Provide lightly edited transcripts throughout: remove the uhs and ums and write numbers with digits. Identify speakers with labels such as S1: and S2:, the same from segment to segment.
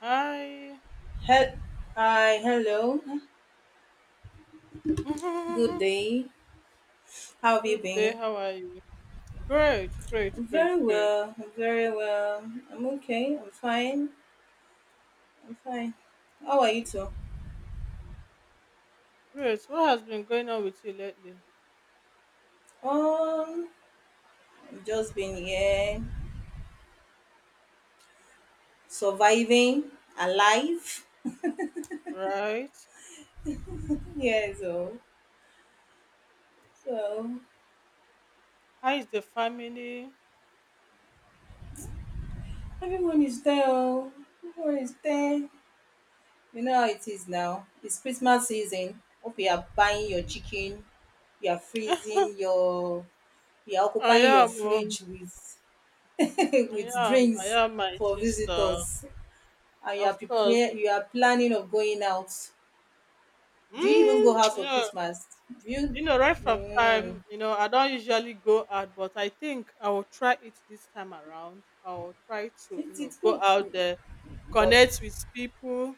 S1: Hi.
S2: He- Hi, hello, good day. How have you
S1: Good day.
S2: been?
S1: How are you? Great, great,
S2: I'm
S1: great,
S2: very
S1: great.
S2: well, I'm very well. I'm okay, I'm fine, I'm fine. How are you two?
S1: Great. What has been going on with you lately?
S2: Um, I've just been here, surviving, alive.
S1: Right?
S2: Yeah, so
S1: How is the family?
S2: everyone is there, oh. Everyone is there. You know how it is now. It's Christmas season. Hope you are buying your chicken, you are
S1: I
S2: freezing your, you are occupying your
S1: am.
S2: fridge with
S1: I
S2: with
S1: am. I
S2: drinks
S1: am my
S2: for
S1: sister.
S2: visitors, and you are
S1: Of course.
S2: prepare you are planning of going out. Do you even go
S1: Mm,
S2: out
S1: you
S2: for
S1: know,
S2: Christmas? Do you,
S1: right from time,
S2: mm,
S1: I don't usually go out, but I think I will try it this time around. I'll try to,
S2: it, it's
S1: go
S2: good.
S1: out
S2: Mm,
S1: there,
S2: but
S1: connect with people.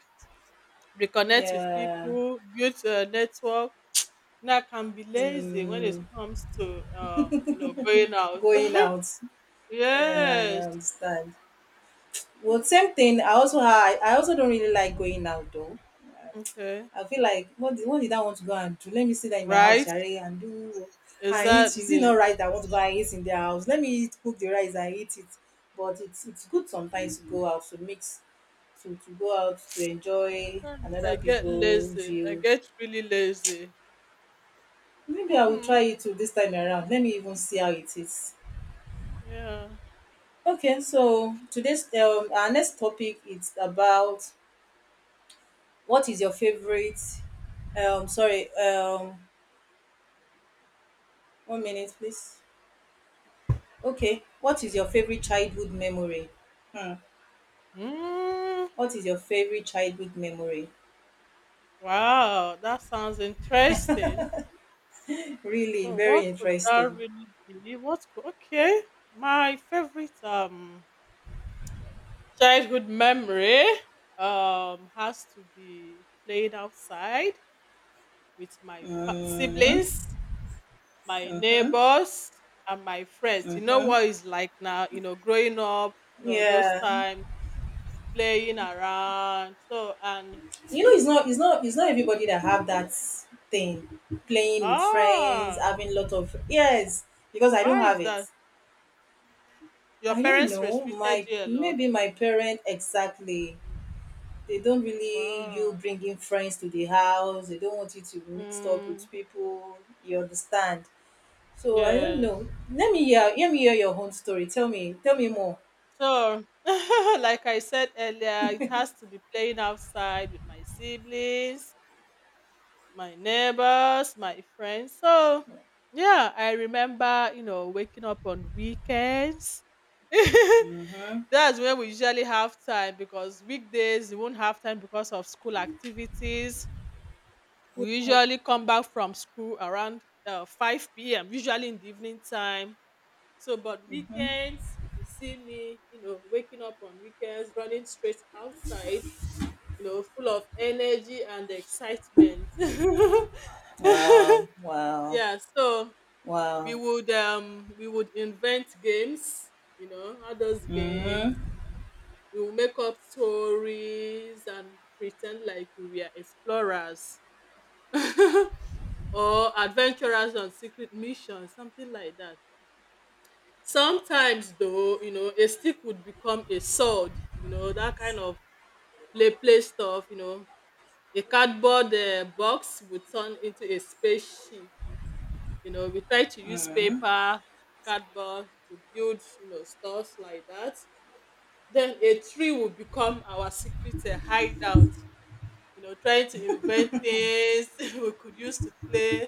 S1: Reconnect with
S2: yeah,
S1: people, build a network. Now I can be lazy when it
S2: mm,
S1: comes to going out.
S2: going out, yeah,
S1: Yes.
S2: I understand. Well,
S1: Mhm.
S2: same thing, I also I also don't really like going out though.
S1: Okay.
S2: I feel like what did I want to go and do? Let me sit there in my house,
S1: Right.
S2: share and do and eat. Is it
S1: Exactly.
S2: not right that I want to go and eat in their house? Let me eat, cook the rice and eat it. But it's good sometimes to go out to mix, to go out to enjoy
S1: Sometimes I
S2: another
S1: get
S2: people
S1: lazy. I
S2: view.
S1: get really lazy.
S2: Maybe I will
S1: Mm-hmm.
S2: try it too this time around. Let me even see how it is.
S1: Yeah.
S2: Okay, so
S1: It's
S2: today's our next topic is about what is your favorite sorry, one minute please. Okay, what is
S1: okay.
S2: your favorite childhood memory? Hmm,
S1: Mm,
S2: what is your favorite childhood memory?
S1: wow, that sounds interesting.
S2: Really,
S1: So,
S2: very
S1: what could that
S2: interesting.
S1: really be? What could, okay, my favorite childhood memory has to be played outside with my
S2: Hmm.
S1: siblings, my neighbors, and my friends. You know what it's like now, growing up, those
S2: Yeah,
S1: times, playing around. So, and
S2: you know, it's not everybody that have that thing, playing with friends,
S1: ah,
S2: having lot of, yes, because I don't
S1: why is
S2: have it.
S1: that? Your
S2: I don't
S1: parents
S2: know.
S1: restricted
S2: My,
S1: you a lot.
S2: maybe my parent, exactly. They don't really you
S1: Wow.
S2: bringing friends to the house. They don't want you to mixed up
S1: Mm,
S2: with people. You understand? So I don't know.
S1: yes.
S2: Let me hear. Let me hear your own story. Tell me. Tell me more.
S1: So, like I said earlier, it has to be playing outside with my siblings, my neighbors, my friends. So yeah, I remember, waking up on weekends.
S2: Mm?
S1: That's when we usually have time because weekdays we won't have time because of school activities. We usually come back from school around 5 p.m., usually in the evening time. So, but weekends, you see me, waking up on weekends, running straight outside, full of energy and excitement.
S2: Wow, wow,
S1: Yeah, so we
S2: wow.
S1: would um we would invent games, adults games.
S2: Mm-hmm.
S1: We would make up stories and pretend like we were explorers or adventurers on secret missions, something like that. Sometimes though, a stick would become a sword, that kind of play stuff, a cardboard box would turn into a spaceship. You know, we try to use paper, cardboard to build, stuff like that. Then a tree will become our secret hideout. You know, trying to invent things we could use to play.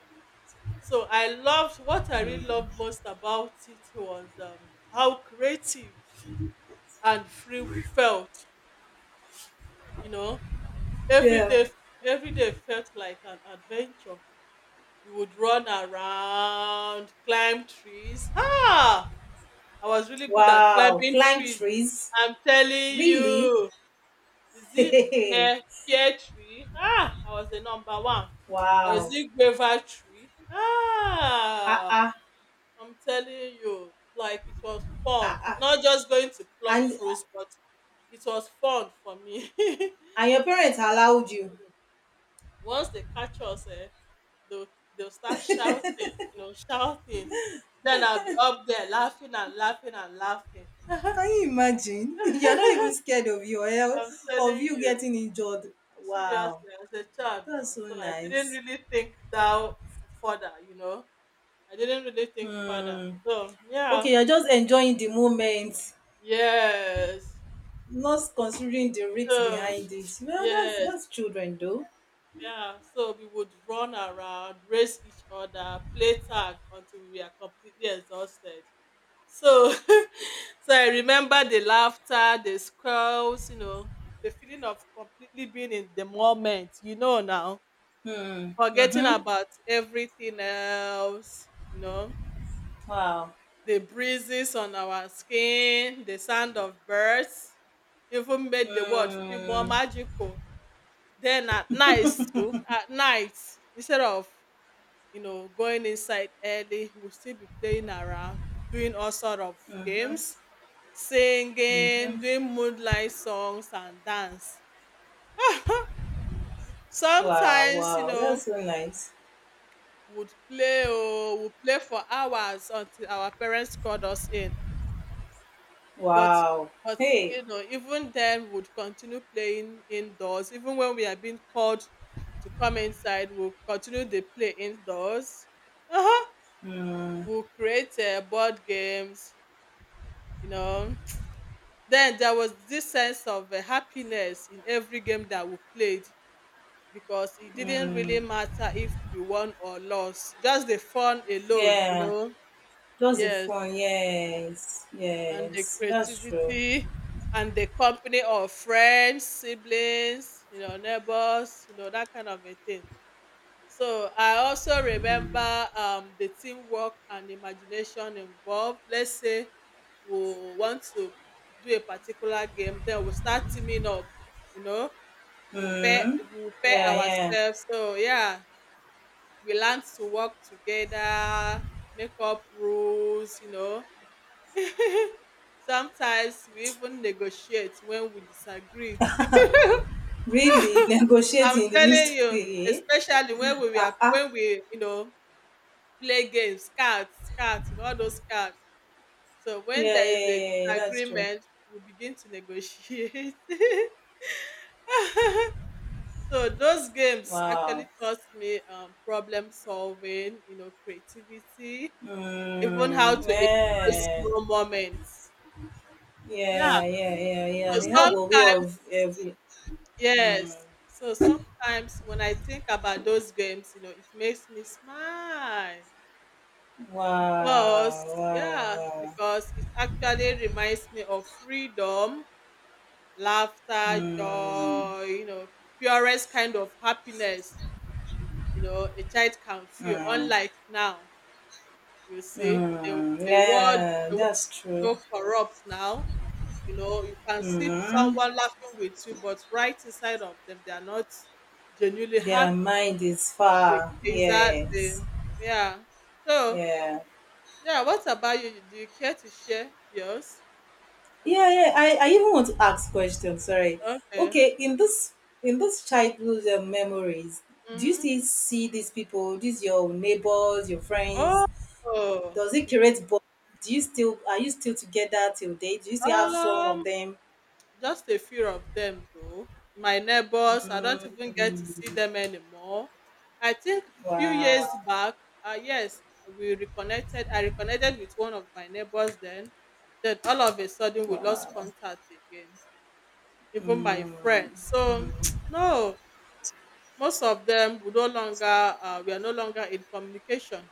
S1: So I loved what I really loved most about it was how creative and free we felt. You know, every
S2: Yeah.
S1: day, every day felt like an adventure. We would run around, climb trees. Ah, I was really good at
S2: Wow.
S1: climbing
S2: Climb
S1: trees.
S2: trees.
S1: I'm telling
S2: Really?
S1: you, is it
S2: Hey.
S1: pear pear tree? Ah, I was the number one. Or is
S2: Wow.
S1: it guava tree?
S2: Ah,
S1: Ah,
S2: ah.
S1: I'm telling you, like it was fun. Not just going to pluck
S2: And
S1: fruits, but it was fun for me.
S2: your parents allowed you.
S1: Once they catch us, eh, they'll they'll start shouting, shouting. Then I'll be up there laughing and laughing and laughing.
S2: Can you imagine? You're not even scared of your
S1: I'm
S2: health, of
S1: telling
S2: you
S1: you,
S2: getting injured. Wow.
S1: seriously, as a child now.
S2: That's so
S1: So I didn't
S2: nice.
S1: really think that further, you know. I didn't really think further.
S2: Hmm.
S1: So yeah.
S2: Okay, you're just enjoying the moment,
S1: Yes.
S2: not considering the risks
S1: So
S2: behind it. Well,
S1: yes.
S2: that's children though.
S1: Yeah. So we would run around, race each other, play tag until we are completely exhausted. So so I remember the laughter, the squirrels, the feeling of completely being in the moment, forgetting
S2: Mm-hmm.
S1: about everything else,
S2: Wow.
S1: the breezes on our skin, the sound of birds, even made the world feel more
S2: Mm-hmm.
S1: magical. Then at night too, at night, instead of going inside early, we'll still be playing around, doing all sort of games, singing, doing moonlight songs and dance.
S2: Wow,
S1: Sometimes,
S2: wow. That's so nice.
S1: would play for hours until our parents called us in. But
S2: Wow.
S1: but
S2: Hey.
S1: you know, even then would continue playing indoors. Even when we are being called to come inside, we'll continue the play indoors. Uh-huh.
S2: Mm.
S1: We'll create board games, you know. Then there was this sense of happiness in every game that we played because it didn't really matter if we won or lost, just the fun alone, you
S2: Yeah.
S1: know.
S2: That's the
S1: Yes,
S2: phone. Yes.
S1: and the
S2: Yes. That's true.
S1: creativity and the company of friends, siblings, neighbors, that kind of a thing. So I also remember the teamwork and imagination involved. Let's say we want to do a particular game, then we'll start teaming up, you know, we'll pair,
S2: Mm.
S1: we'll pair
S2: Yeah, yeah.
S1: ourselves. So yeah, we learned to work together, make up rules, you know. Sometimes we even negotiate when we disagreed.
S2: Really,
S1: I'm
S2: negotiating in the midst
S1: telling
S2: of
S1: you,
S2: it.
S1: especially when we were
S2: Ah, ah.
S1: when we, you know, play games, cards, cards, all those cards. So when
S2: Yeah, yeah,
S1: there is
S2: yeah,
S1: a
S2: yeah, yeah. That's true.
S1: disagreement, we begin to negotiate. So those games
S2: Wow.
S1: actually taught me problem solving, creativity, even how
S2: Mm.
S1: to enjoy
S2: Yeah.
S1: small moments. Yeah.
S2: Yeah, yeah, yeah, yeah.
S1: So
S2: They have a way
S1: sometimes,
S2: of every.
S1: yes. So sometimes when I think about those games, it makes me smile
S2: Wow,
S1: because,
S2: wow,
S1: yeah,
S2: wow.
S1: because it actually reminds me of freedom, laughter,
S2: Mm,
S1: joy, purest kind of happiness, a child can feel.
S2: mm,
S1: Unlike now, you see, the,
S2: mm.
S1: the world,
S2: Yeah,
S1: the world is
S2: that's true.
S1: so corrupt now. You know, you can see
S2: Mm.
S1: someone laughing with you, but right inside of them they are not genuinely
S2: Their
S1: happy.
S2: mind is far.
S1: Exactly.
S2: Yes.
S1: Yeah. So
S2: Yeah.
S1: yeah, what about you, do you care to share yours?
S2: Yeah, yeah. I even want to ask questions. Sorry.
S1: Okay.
S2: Okay, in this childhood memories, do you
S1: Mm-hmm.
S2: still see these people? These your neighbors, your friends,
S1: Oh.
S2: does it create bond? Do you still, are you still together till date? Do you still have some of
S1: um
S2: them?
S1: Just a few of them though. My neighbors, I don't even get to see
S2: Mm,
S1: them anymore. I think few years
S2: wow,
S1: back, yes, we reconnected. I reconnected with one of my neighbors then. Then all of a sudden we lost
S2: wow.
S1: contact again. Even my
S2: Mm,
S1: friends. So no, most of them we are no longer in communication.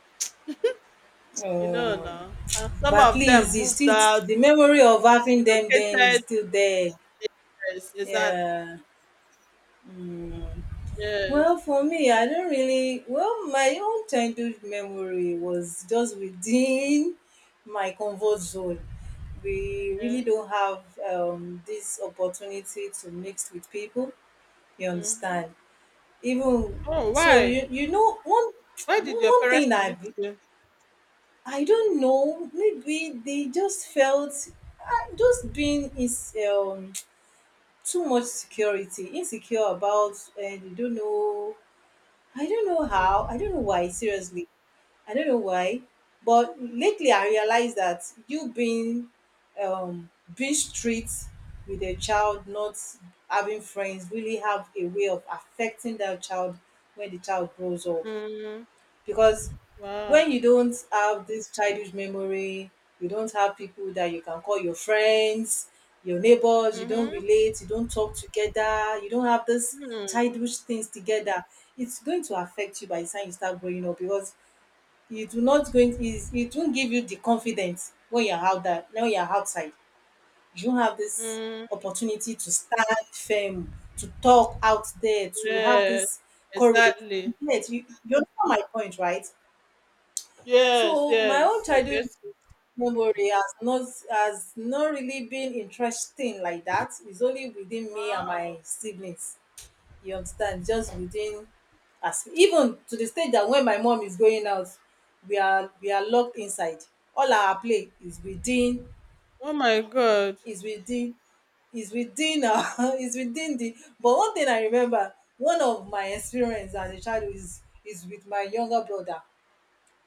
S1: You know
S2: mm.
S1: now. And some
S2: But at
S1: of
S2: least
S1: them
S2: it's
S1: moved out,
S2: still the memory of having them then is
S1: relocated.
S2: still there.
S1: Yes, is that
S2: Yeah. Well,
S1: yes.
S2: for me, I don't really. Well, my own childhood memory was just within my comfort zone. We really
S1: Yeah.
S2: don't have this opportunity to mix with people. You
S1: Mhm.
S2: understand? Even,
S1: Oh,
S2: so
S1: why?
S2: you know one
S1: Why did your
S2: one
S1: parents
S2: thing that
S1: limit you?
S2: I don't know, maybe they just felt just being is too much security, insecure about, and you don't know, I don't know
S1: Mm,
S2: how, I don't know why, seriously, I don't know why. But lately I realized that you being, um being strict with a child, not having friends, really have a way of affecting that child when the child grows up.
S1: mm,
S2: Because
S1: wow.
S2: when you don't have this childhood memory, you don't have people that you can call your friends, your neighbors, you don't
S1: Mm-hmm.
S2: relate, you don't talk together, you don't have this
S1: Mm,
S2: childhood things together, it's going to affect you by the time you start growing up. Because you do not going is, it won't give you the confidence when you're out there, when you're outside, you don't have this
S1: mm.
S2: opportunity to stand firm, to talk out there, to have
S1: Yes,
S2: this courage.
S1: exactly.
S2: Yes, you understand my point, right?
S1: Yes,
S2: So my own
S1: yes. I
S2: childhood
S1: guess. It.
S2: memory has not, has not really been interesting like that. It's only within me and my
S1: Wow.
S2: siblings. You understand? Just
S1: Hmm.
S2: within us. Even to the stage that when my mom is going out, we are locked inside. All our play is within,
S1: Oh my God.
S2: is within is within is within the, but one thing I remember, one of my experience as a child is with my younger brother.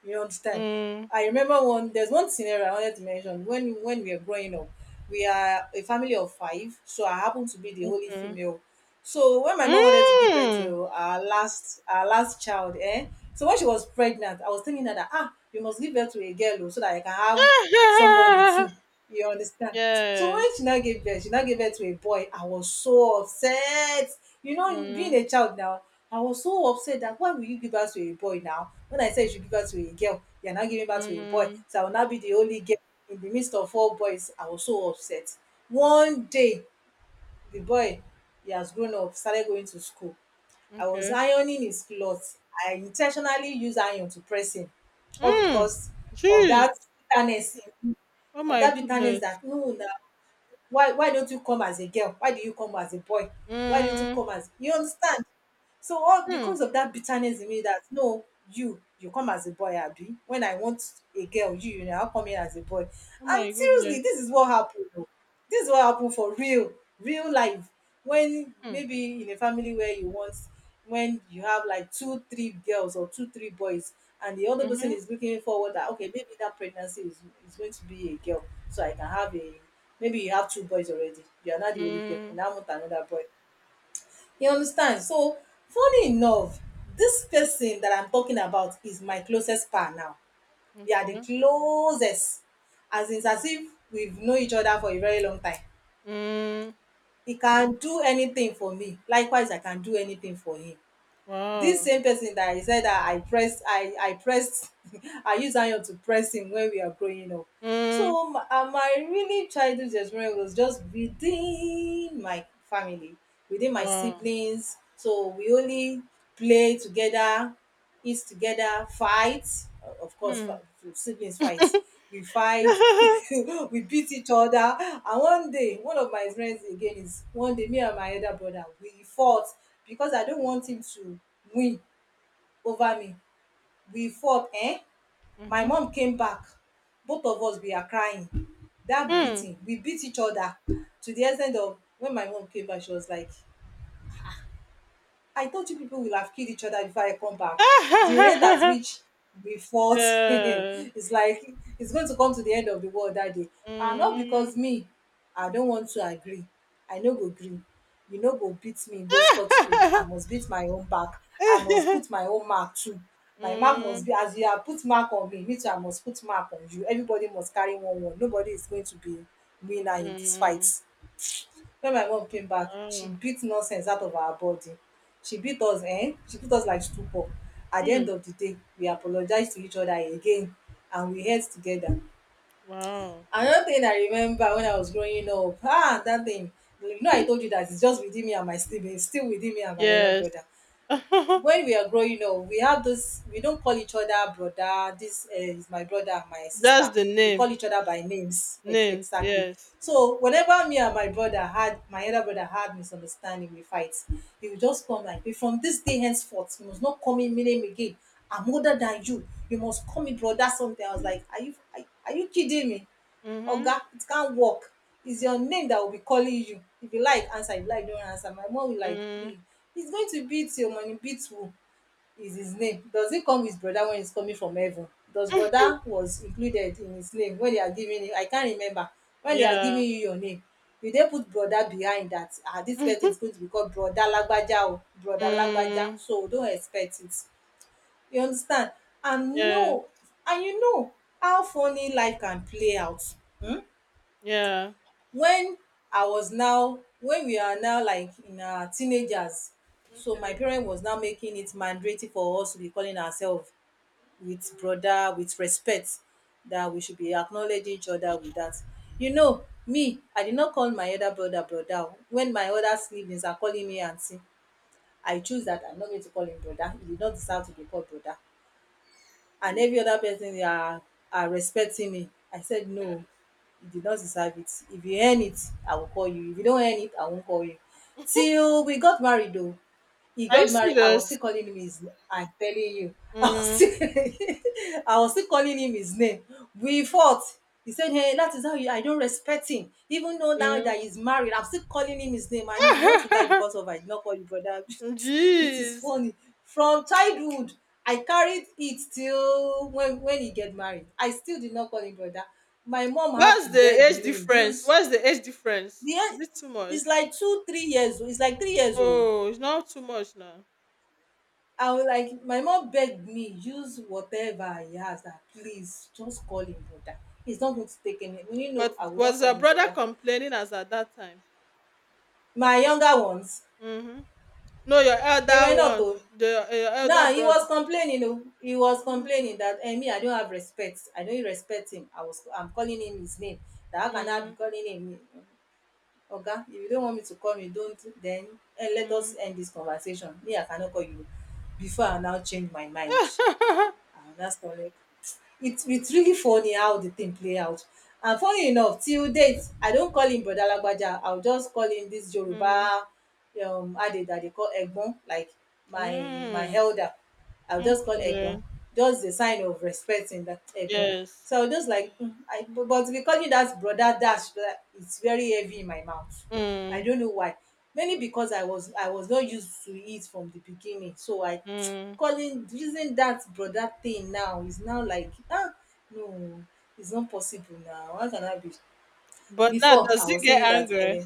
S2: You understand?
S1: Mm,
S2: I remember one. There's one scenario I wanted to mention. When we are growing up, we are a family of five, so I happen to be the only
S1: okay.
S2: female. So when my mom wanted to give birth
S1: Mm.
S2: to our last, our last child, eh? So when she was pregnant, I was telling her that, ah, you must give birth to a girl oh, so that I can have somebody too. You understand? So
S1: Yes.
S2: when she now gave birth, she now gave birth to a boy. I was so upset. You know, being
S1: Mm,
S2: a child now, I was so upset that why will you give birth to a boy now? When I said you should give birth to a girl, you're now giving birth to a boy.
S1: mm,
S2: So I will now be the only girl in the midst of four boys. I was so upset. One day, the boy, he has grown up, started going to school. I was
S1: okay.
S2: ironing his clothes. I intentionally used iron to press him, all
S1: Mm.
S2: because of
S1: Jeez.
S2: that bitterness,
S1: Oh
S2: of
S1: my
S2: that bitterness
S1: goodness.
S2: that, no na, why don't you come as a girl, why do you come as a boy, why don't you
S1: Mm,
S2: come as, you understand. So all
S1: mm.
S2: because of that bitterness in me that, no, you come as a boy, Abi. When I want a girl, you now come in as a boy.
S1: Oh
S2: And
S1: my
S2: seriously,
S1: goodness.
S2: this is what happened. Oh. This is what happened for real, real life. When
S1: Mm,
S2: maybe in a family where you want, when you have like two, three girls or two, three boys, and the other person
S1: mm-hmm.
S2: is looking forward that okay, maybe that pregnancy is going to be a girl, so I can have a, maybe you have two boys already. You are not the only girl,
S1: Mm,
S2: and I want another boy. You understand? So funny enough, this person that I'm talking about is my closest par now. We are the
S1: okay.
S2: closest. As in, it's as if we've known each other for a very long time.
S1: Mm,
S2: He can do anything for me. Likewise, I can do anything for him. This
S1: wow.
S2: same person that I said that I pressed, I pressed, I used iron to press him when we are growing up.
S1: Mm,
S2: So my, my really childhood experience was just within my family, within my
S1: wow.
S2: siblings. So we only play together, eat together, fight. Of course,
S1: Hmm.
S2: siblings fight. We fight, we beat each other. And one day, one of my friends again is, one day, me and my elder brother, we fought because I don't want him to win over me. We fought, eh? My
S1: Mhm.
S2: mom came back. Both of us, we are crying. That
S1: Hmm.
S2: beating, we beat each other to the extent of, when my mom came back, she was like, I thought you people will have killed each other before I come back. The rate at which we fought
S1: Yeah.
S2: is like it's going to come to the end of the world that day. And not
S1: Mhm.
S2: because me, I don't want to agree. I no go gree. You no go beat me, go scot free. I must beat my own back. I must put my own mark too. My mark must
S1: Mm,
S2: be as you have put mark on me, me too, I must put mark on you. Everybody must carry one one. Nobody is going to be winner in this fight.
S1: mm.
S2: When my mom came back, she
S1: Wow.
S2: beat nonsense out of our body. She beat us, she put us like stupor. At the
S1: Hmm.
S2: end of the day, we apologized to each other again and we held together.
S1: Wow.
S2: Another thing I remember when I was growing up, ah, that thing, you know, I told you that it's just within me and my siblings, still within me and my elder
S1: Yes.
S2: brother. When we are growing up, we have this, we don't call each other brother, this is my brother, my sister.
S1: That's the
S2: We
S1: name.
S2: call each other by names,
S1: Names.
S2: exactly.
S1: Yes.
S2: So whenever me and my brother had, my other brother had misunderstanding, we fight. He would just come like, "Be, from this day henceforth, you must not call me my name again. I'm older than you, you must call me brother something." I was like, are you kidding me?
S1: Mhm.
S2: Oga, it can't work. It's your name that will be calling you. If you like, answer. If you like, don't answer. My mom will like,
S1: Mm.
S2: hey, he's going to beat your money. Beat who? Is his name, does it come with brother when it's coming from heaven? Does brother was included in his name when they are giving him? I can't remember. When they are giving
S1: Yeah.
S2: you your name, you dey put brother behind that? Ah, this person is going to be called Brother Lagbaja o, Brother Lagbaja.
S1: Mm.
S2: So don't expect it, you understand? And
S1: Yes.
S2: no, and you know, how funny life can play out.
S1: Yeah.
S2: When I was, now when we are now like in our teenagers, so
S1: Okay.
S2: my parent was now making it mandatory for us to be calling ourselves with brother, with respect, that we should be acknowledging each other with that. You know me, I did not call my elder brother brother o, when my other siblings are calling me aunty. I choose that I'm not going to call him brother, he did not deserve to be called brother. And every other person, they are respecting me, I said no. You did not deserve it. If you earn it, I will call you. If you don't earn it, I won't call you. Till we got married though, he
S1: Are you
S2: got married. I was
S1: serious?
S2: still calling him his. I'm telling you, I was
S1: Mm.
S2: still, I was still calling him his name. We fought. He said, "Hey, that is how you. I don't respect him. Even though now
S1: Mm.
S2: that he's married, I'm still calling him his name. And you want to die because of I did not call you brother." It is
S1: Jeez.
S2: funny. From childhood, I carried it till when he get married. I still did not call him brother. My mom have to
S1: What's the
S2: beg
S1: age
S2: me.
S1: difference?
S2: Use
S1: What's the age difference?
S2: the
S1: Is
S2: end.
S1: it too much?
S2: It's like two, 3 years old. It's like 3 years old.
S1: Oh, it's not too much now.
S2: I was like, my mom begged me, use whatever he has, that please just call him brother. He's not going to take any, you know,
S1: But
S2: I will not
S1: was
S2: call
S1: your
S2: him
S1: brother
S2: brother.
S1: complaining as at that time?
S2: My younger ones,
S1: Mm-hmm. No, your
S2: they were
S1: elder
S2: not
S1: one,
S2: oh.
S1: the your elder
S2: Now he was
S1: brother.
S2: complaining oh, he was
S1: Mm-hmm.
S2: complaining that eh, me, I don't have respect, I don't respect him, I was, I'm calling him his name, that how can I be calling him. Okay, if you don't want me to call you, don't then. Eh, let
S1: Mm-hmm.
S2: us end this conversation, me, I cannot call you before I now change my mind. Ah, that's correct. It's really funny how the thing play out. And funny enough, till date, I don't call him Brother Lagbaja. I'll just call him this Yoruba, Ade, that they call Egbon, like my
S1: Mm-hmm.
S2: elder. I'll just call
S1: Okay.
S2: Egbon. Just the sign of respect in that Egbon.
S1: Yes.
S2: So I was just like, mm, I, but we call you that brother dash, it's very heavy in my mouth. I
S1: Mm-hmm.
S2: don't know why. Maybe because I was not used to it from the beginning. So I calling, using that brother thing now is now like, ah, no, it's not possible now. How can I be?
S1: But now,
S2: Before
S1: does
S2: I was
S1: he get
S2: saying that,
S1: angry?
S2: eh,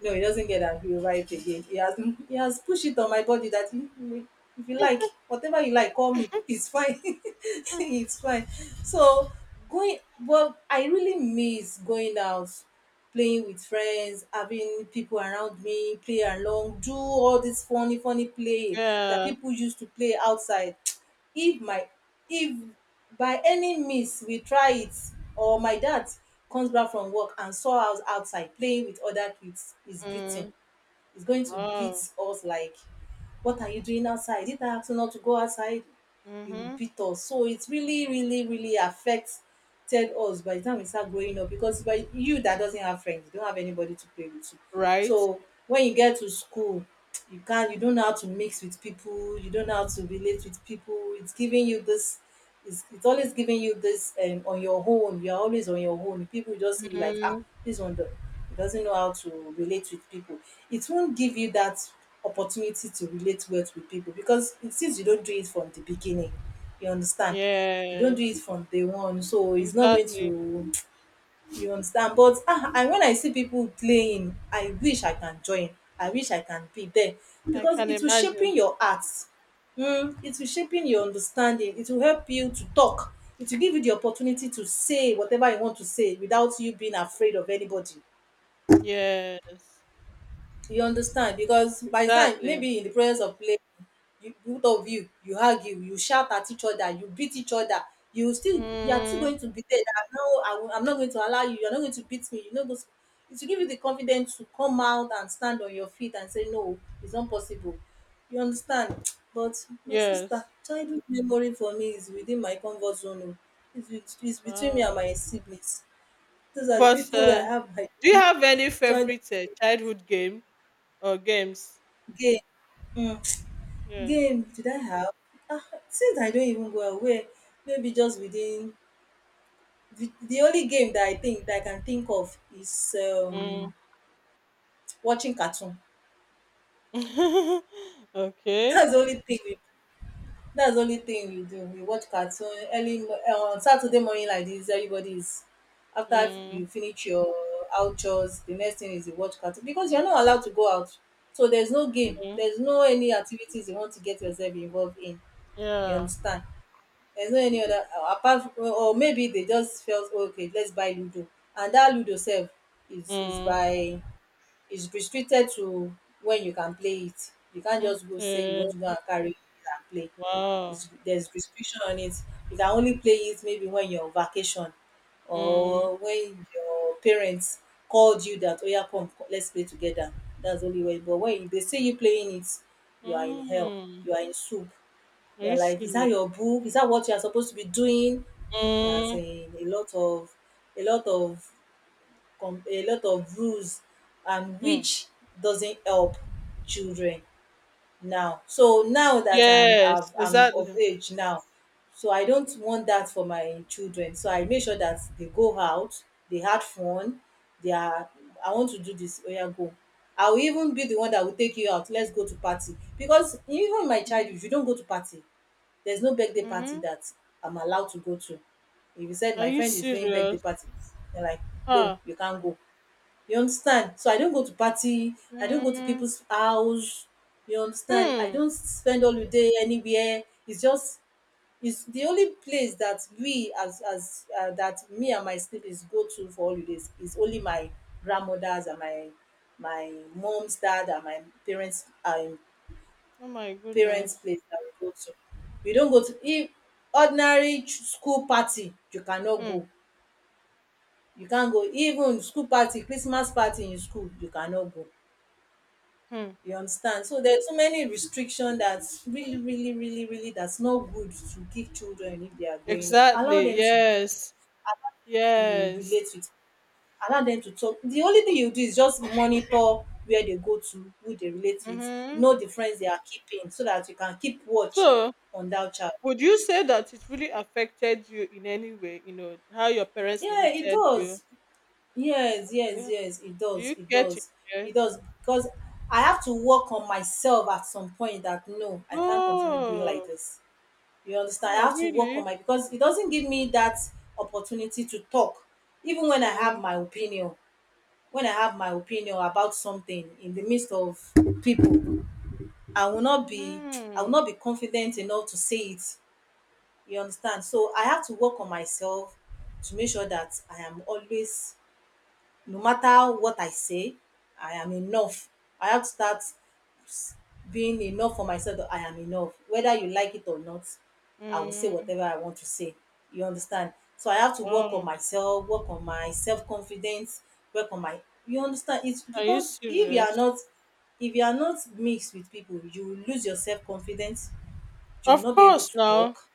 S2: no, he doesn't get angry over it again. He has he has pushed it on my body that if you like, whatever you like, call me. It's fine. It's fine. So going, well, I really miss going out, playing with friends, having people around me, play along, do all this funny, funny play that
S1: Yeah.
S2: people used to play outside. If my if By any means we try it, or my dad comes back from work and saw us outside playing with other kids, is greeting,
S1: Mm.
S2: is going to beat
S1: Wow.
S2: us like, what are you doing outside? Did I ask you not to go outside? He will
S1: Mm-hmm.
S2: beat us. So it really, really, really affected us. By the time we start growing up, because by you that doesn't have friends, you don't have anybody to play with you.
S1: Right.
S2: So when you get to school, you can't, you don't know how to mix with people, you don't know how to relate with people. It's giving you this, it's always giving you this, on your own, you're always on your own. People just see you like, ah,
S1: Mhm.
S2: this one do- he doesn't know how to relate with people. It won't give you that opportunity to relate well with people, because it, since you don't do it from the beginning, you understand, you don't do it
S1: Yes,
S2: from day one, so it's not going
S1: exactly.
S2: to, you understand. But ah, and when I see people playing, I wish I can join, I wish I can be there,
S1: I
S2: because
S1: can
S2: it will shaping
S1: imagine.
S2: your heart, it will shaping your understanding, it will help you to talk, it will give you the opportunity to say whatever you want to say without you being afraid of anybody,
S1: Yes,
S2: you understand. Because by the time
S1: exactly.
S2: maybe in the process of playing, you both of you, you argue, you shout at each other, you beat each other, you are still
S1: Mm,
S2: going to be there, that no, I'm not going to allow you, you're not going to beat me, you're not going to. It will give you the confidence to come out and stand on your feet and say no, it's not possible, you understand. But my sister,
S1: yes.
S2: childhood memory for me is within my comfort zone o. It's between me and
S1: Wow.
S2: my siblings. Those are the
S1: But
S2: people wey I have my
S1: do you have any
S2: childhood
S1: favorite childhood game or games?
S2: game. Hmm.
S1: Yeah.
S2: Game did I have? Ah, since I don't even go away, maybe just within the only game that I think that I can think of is,
S1: Mm.
S2: watching cartoon.
S1: Okay.
S2: That's the only thing we that's the only thing we do. We watch cartoon early on Saturday morning like this. Everybody is, after you
S1: Mm,
S2: finish your outdoors, the next thing is you watch cartoon, because you're not allowed to go out. So there's no game.
S1: mm,
S2: There's no any activities you want to get yourself involved in. You
S1: yeah.
S2: understand? There's no any other, apart from, or maybe they just felt, "Oh, okay, let's buy Ludo," and that Ludo self is
S1: Mm,
S2: by, is restricted to when you can play it. You can't just go say you
S1: okay.
S2: want to go and carry it and play.
S1: Wow.
S2: It's, there's restriction on it. You can only play it maybe when you're on vacation
S1: Mm,
S2: or when your parents called you that, oh yeah, let's play together. That's the only way. But when they see you playing it, you are in hell.
S1: mm.
S2: You are in soup.
S1: Are you
S2: They're like, "Is
S1: serious?
S2: that your book? Is that what you are supposed to be doing?" There's
S1: Mm,
S2: a lot of, a lot of, a lot of rules, and
S1: mm.
S2: which doesn't help children. Now, so now that
S1: Yes,
S2: I'm of
S1: exactly.
S2: age now, so I don't want that for my children. So I make sure that they go out, they had fun, they are I want to do this. Oh yeah, go, I will even be the one that will take you out, let's go to party. Because even in my
S1: Mm-hmm.
S2: childhood, you don't go to party. There's no birthday party
S1: Mm-hmm.
S2: that I'm allowed to go to. If you said
S1: Are
S2: my
S1: you
S2: friend is doing birthday
S1: serious?
S2: party, they're like, no,
S1: Huh.
S2: you can't go. You understand? So I don't go to party, I don't go to
S1: Mm,
S2: people's house, you understand. I
S1: hmm.
S2: don't spend holiday anywhere. It's just, it's the only place that we as, that me and my siblings go to for holidays is only my grandmother's and my mom's dad and my parents,
S1: Oh my
S2: parents
S1: goodness.
S2: place that we go to. We don't go to, if ordinary school party, you cannot
S1: Hmm.
S2: go. You can't go even school party, Christmas party in school, you cannot go.
S1: Hmm.
S2: You understand? So there's so many restriction, that's really, really, really, really, that's not good to give children if they are growing up. Allow
S1: Exactly.
S2: them
S1: Yes.
S2: to
S1: Yes.
S2: relate with, allow them to talk. The only thing you do is just monitor where they go to, who they relate with,
S1: Mm-hmm.
S2: know the friends they are keeping so that you can keep watch
S1: So,
S2: on that child.
S1: would you say that it really affected you in any way? You know how your parents
S2: Yeah, it
S1: limited you.
S2: does. Yes, yes,
S1: Yeah.
S2: yes, it
S1: Do
S2: does,
S1: you
S2: it
S1: care to
S2: does,
S1: share?
S2: it does. Because I have to work on myself at some point, that no, I can't continue being like
S1: Oh.
S2: this. You understand? I
S1: Oh,
S2: have to work on
S1: really?
S2: my, because it doesn't give me that opportunity to talk, even when I have
S1: Mm.
S2: my opinion. When I have my opinion about something in the midst of people, I will not be I will
S1: Mm.
S2: not be confident enough to say it. You understand? So I have to work on myself to make sure that I am always, no matter what I say, I am enough. I have to start being enough for myself that I am enough. Whether you like it or not, I will say
S1: Mm.
S2: whatever I want to say. You understand? So I have to work on
S1: Wow.
S2: myself, work on my self confidence, work on my. You understand? It's
S1: Are you
S2: because if you are
S1: serious?
S2: not, if you are not mixed with people, you will lose your self confidence. You will
S1: Of
S2: not be able
S1: course.
S2: to
S1: Now.
S2: talk.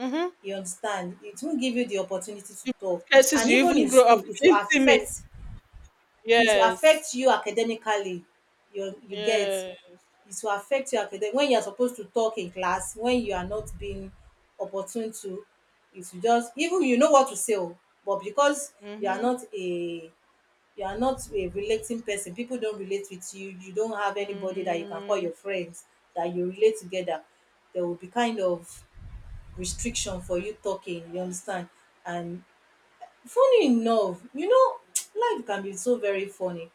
S1: Mm-hmm.
S2: You understand? It won't give you the opportunity to
S1: You use
S2: talk,
S1: cases,
S2: and
S1: you
S2: even
S1: even
S2: in
S1: grow up
S2: school, it will
S1: painting me.
S2: affect. It will
S1: Yes.
S2: affect you academically. You get
S1: Yes.
S2: it will affect your academic when you are supposed to talk in class, when you are not being opportune to it will just even you know what to say. Oh, but because you are
S1: Mhm.
S2: not a you are not a relating person, people don't relate with you, you don't have anybody that you can call
S1: Mm.
S2: your friends that you relate together. There will be kind of restriction for you talking. You understand? And funny enough, life can be so very funny,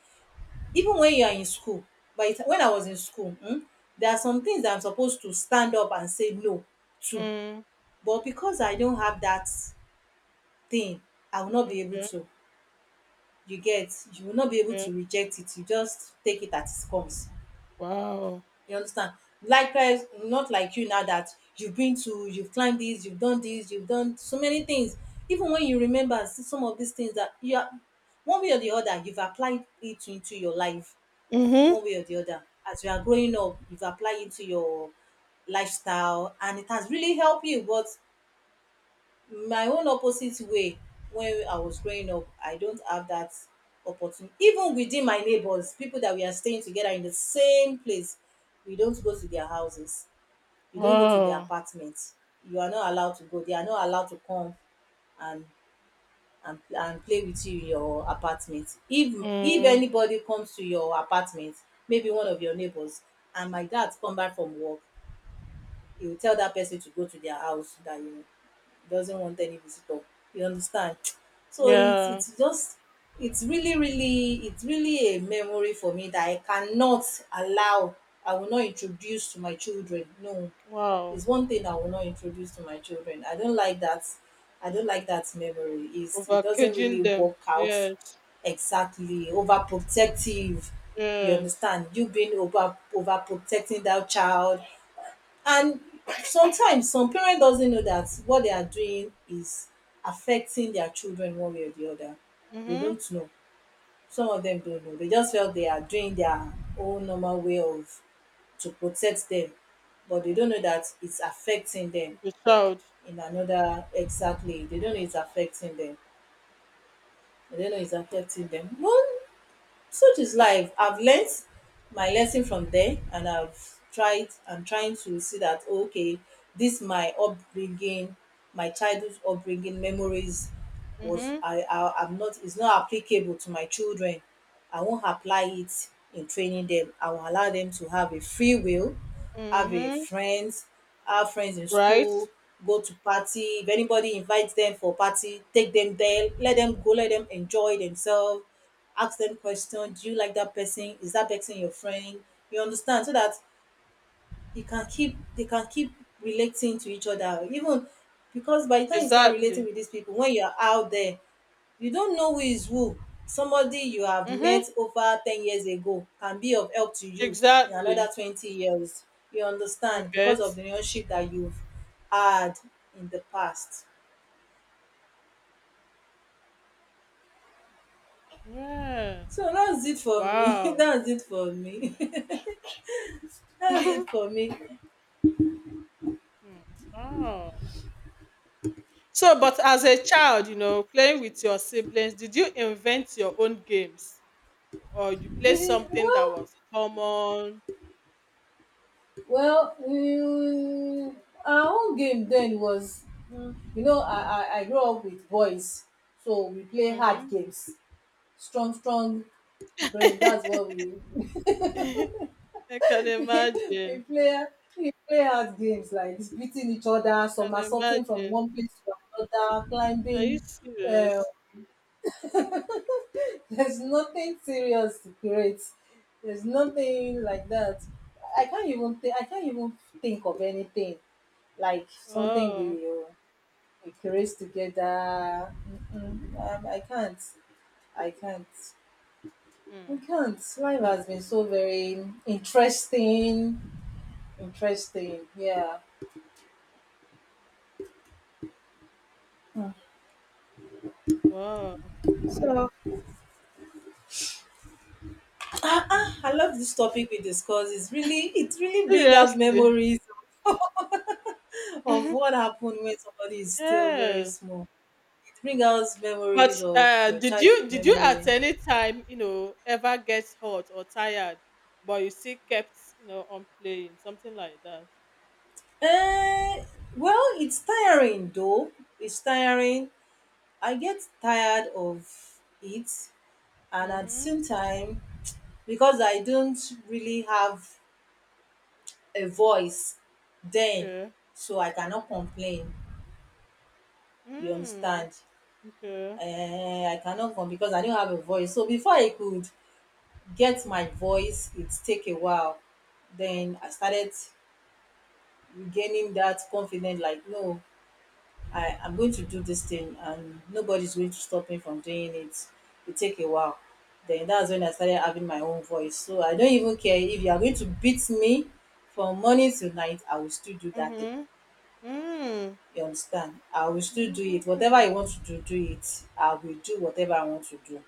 S2: even when you are in school. By the ti When I was in school, there are some things that I'm supposed to stand up and say no to.
S1: Mm.
S2: But because I don't have that thing, I will not be able
S1: Okay,
S2: to, you get, you will not be able
S1: okay.
S2: to reject it, you just take it as it comes.
S1: Wow.
S2: You understand? Likewise not like you now that you've been to you've climbed this, you've done this, you've done so many things. Even when you remember some of these things that you are, one way or the other, you've applied it into your life
S1: Mhm.
S2: one way or the other. As you are growing up, you've applied it to your lifestyle and it has really helped you. But my own opposite way, when I was growing up, I don't have that opportunity. Even within my neighbors, people that we are staying together in the same place, we don't go to their houses, you don't go to their
S1: Wow.
S2: apartments. You are not allowed to go, they are not allowed to come and and play with you in your apartment. If
S1: Mm.
S2: anybody comes to your apartment, maybe one of your neighbors, and my dad come back from work, he will tell that person to go to their house, that, he doesn't want any visitor. You understand? So it's
S1: Yeah.
S2: it's just it's really a memory for me that I cannot allow. I will not introduce to my children. No,
S1: Wow.
S2: it's one thing I will not introduce to my children. I don't like that. I don't like that memory. Is
S1: Over
S2: it doesn't
S1: caging
S2: really
S1: them.
S2: work out,
S1: Yes.
S2: exactly, overprotective. You
S1: Yes.
S2: understand? You being overprotecting that child, and sometimes some parent doesn't know that what they are doing is affecting their children one way or the other. They
S1: Mhm.
S2: don't know. Some of them don't know. They just felt they are doing their own normal way of to protect them, but they don't know that it's affecting them
S1: The child.
S2: in another, exactly, they don't know it's affecting them, they don't know it's affecting them one, such is life. I've learned my lesson from there and I've tried, I'm trying to see that, oh, okay, this my upbringing, my childhood upbringing, memories was,
S1: Mhm.
S2: I'm not, it's not applicable to my children. I won't apply it in training them. I will allow them to have a free will, have a
S1: Mhm.
S2: friends, have friends in
S1: Right?
S2: school, go to party. If anybody invites them for party, take them there, let them go, let them enjoy themselves, ask them questions. Do you like that person? Is that person your friend? You understand? So that you can keep they can keep relating to each other. Even because by the time you start relating
S1: Exactly.
S2: with these people when you're out there, you don't know who is who. Somebody you have
S1: Mhm.
S2: met over 10 years ago can be of help to you in
S1: Exactly.
S2: another 20 years. You
S1: You
S2: understand? Because
S1: get?
S2: of the relationship that you've had in the past.
S1: Yeah.
S2: So that's it for me.
S1: Wow.
S2: That's it for me. That's it for me.
S1: Hmm. Wow. So, but as a child, playing with your siblings, did you invent your own games or you play
S2: we
S1: something that
S2: well
S1: was common?
S2: Well, mm, our own game then was, mm, you know, I, I grew up with boys, so we play hard
S1: Hmm.
S2: games, strong, strong brain. That's what we
S1: I can
S2: we
S1: imagine.
S2: play. We play hard games like beating each
S1: I
S2: other,
S1: can
S2: somersaulting from
S1: imagine.
S2: one place to another,
S1: Are you
S2: climbing. Uh,
S1: serious?
S2: there's nothing serious to create. There's nothing like that. I can't even think. I can't even think of anything like something we.
S1: Wow.
S2: We create together. Mm-mm, I can't. I can't. I
S1: Hmm.
S2: can't. Life has been so very interesting. Interesting. Yeah. Mm.
S1: Wow.
S2: So
S1: Hmm.
S2: I love this topic we discuss. It really bring out
S1: Seriously.
S2: memories of
S1: Mhm.
S2: what happened when somebody is still very
S1: Yeah.
S2: small. It brings out
S1: But
S2: memories of your
S1: did
S2: child
S1: you did you at
S2: memory.
S1: any time ever get hot or tired, but you still kept on playing something like that?
S2: Uh, well, it's tiring though. It's tiring. I get tired of it, and at the
S1: Mm-hmm.
S2: same time, because I don't really have a voice then,
S1: Okay.
S2: so I cannot complain. You
S1: Mm.
S2: understand?
S1: Okay.
S2: I cannot complain because I don't have a voice, so before I could get my voice it take a while. Then I started regaining that confidence, like, no, I am going to do this thing and nobody's going to stop me from doing it. It take a while. Then that's when I started having my own voice. So I don't even care if you are going to beat me from morning to night, I will still do that thing.
S1: Mhm. Mm.
S2: You understand? I will still do it. Whatever
S1: Mm.
S2: I want to do, do it. I will do whatever I want to do.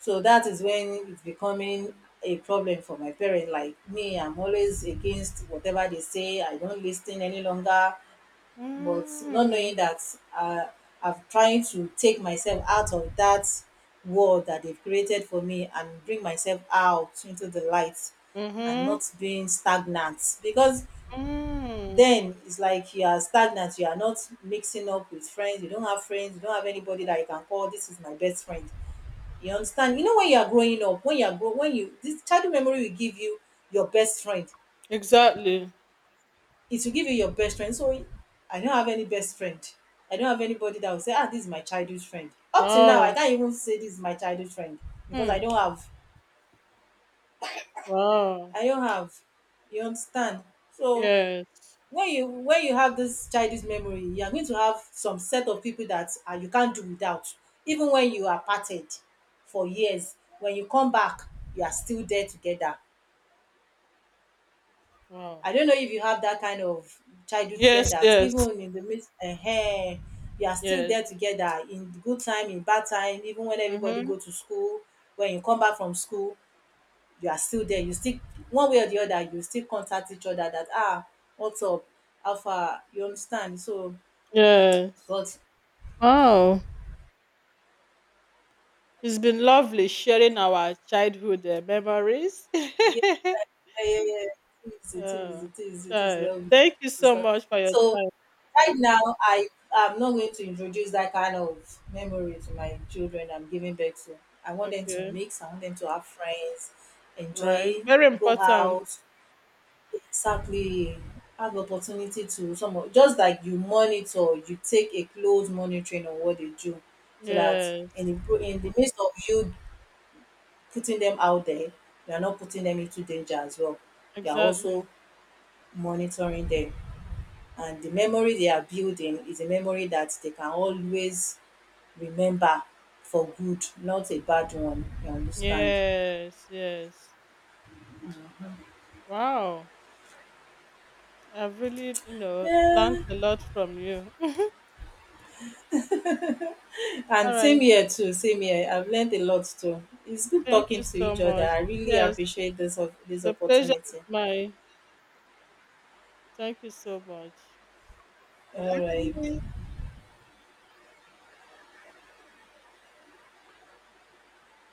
S2: So that is when it's becoming a problem for my parents. Like me, I'm always against whatever they say. I don't listen any longer. But not knowing
S1: Mm.
S2: that, uh, I'm trying to take myself out of that world that they've created for me and bring myself out into the light and
S1: Mhm.
S2: not being stagnant, because
S1: Mm.
S2: then it's like you are stagnant, you are not mixing up with friends, you don't have friends, you don't have anybody that you can call this is my best friend. You understand? You know, when you are growing up, when you are grow when you, this childhood memory will give you your best friend.
S1: Exactly.
S2: It will give you your best friend. So I don't have any best friend. I don't have anybody that will say, ah, this is my childhood friend. Up till now, I
S1: Wow.
S2: can't even say this is my childhood friend because I
S1: Hmm.
S2: don't have.
S1: Wow.
S2: I don't have. You understand? So
S1: Yes.
S2: when you, when you have this childhood memory, you are going to have some set of people that, you can't do without. Even when you are parted for years, when you come back, you are still there together.
S1: Wow.
S2: I don't know if you have that kind of childhood friend
S1: Yes.
S2: that
S1: Yes.
S2: even in the midst, you are still
S1: Yes.
S2: there together in good time, in bad time, even when everybody
S1: Mhm.
S2: go to school, when you come back from school, you are still there. You still, one way or the other, you still contact each other that, ah, what's up, how far, you understand? So,
S1: Yes.
S2: but
S1: Wow. It's been lovely sharing our childhood memories.
S2: yeah, yeah, yeah, yeah, it is, it is,
S1: Yeah.
S2: it is, it is
S1: Child.
S2: lovely.
S1: Thank you
S2: It is
S1: so
S2: lovely.
S1: much for your
S2: So,
S1: time.
S2: right now, I am not going to introduce that kind of memory to my children I'm giving birth to. I want them to
S1: Okay.
S2: mix, I want them to have friends,
S1: Right.
S2: enjoy,
S1: Very
S2: go
S1: important.
S2: out, exactly, have opportunity to some of, just like you monitor, you take a close monitoring on what they do so that
S1: Yes.
S2: in the, in the midst of you putting them out there, you are not putting them into danger as well. You are
S1: Exactly.
S2: also monitoring them, and the memory they are building is a memory that they can always remember for good, not a bad one. You understand?
S1: Yes, yes. Wow. I've really, learned
S2: Yeah.
S1: a lot from you. All
S2: And same
S1: right.
S2: here too. Same here. I've learned a lot too. It's good
S1: Thank
S2: talking
S1: you
S2: to
S1: so
S2: each other.
S1: much.
S2: I really
S1: Yes,
S2: appreciate this of this
S1: the pleasure is
S2: opportunity.
S1: mine. Thank you so much.
S2: All right.
S1: Bye.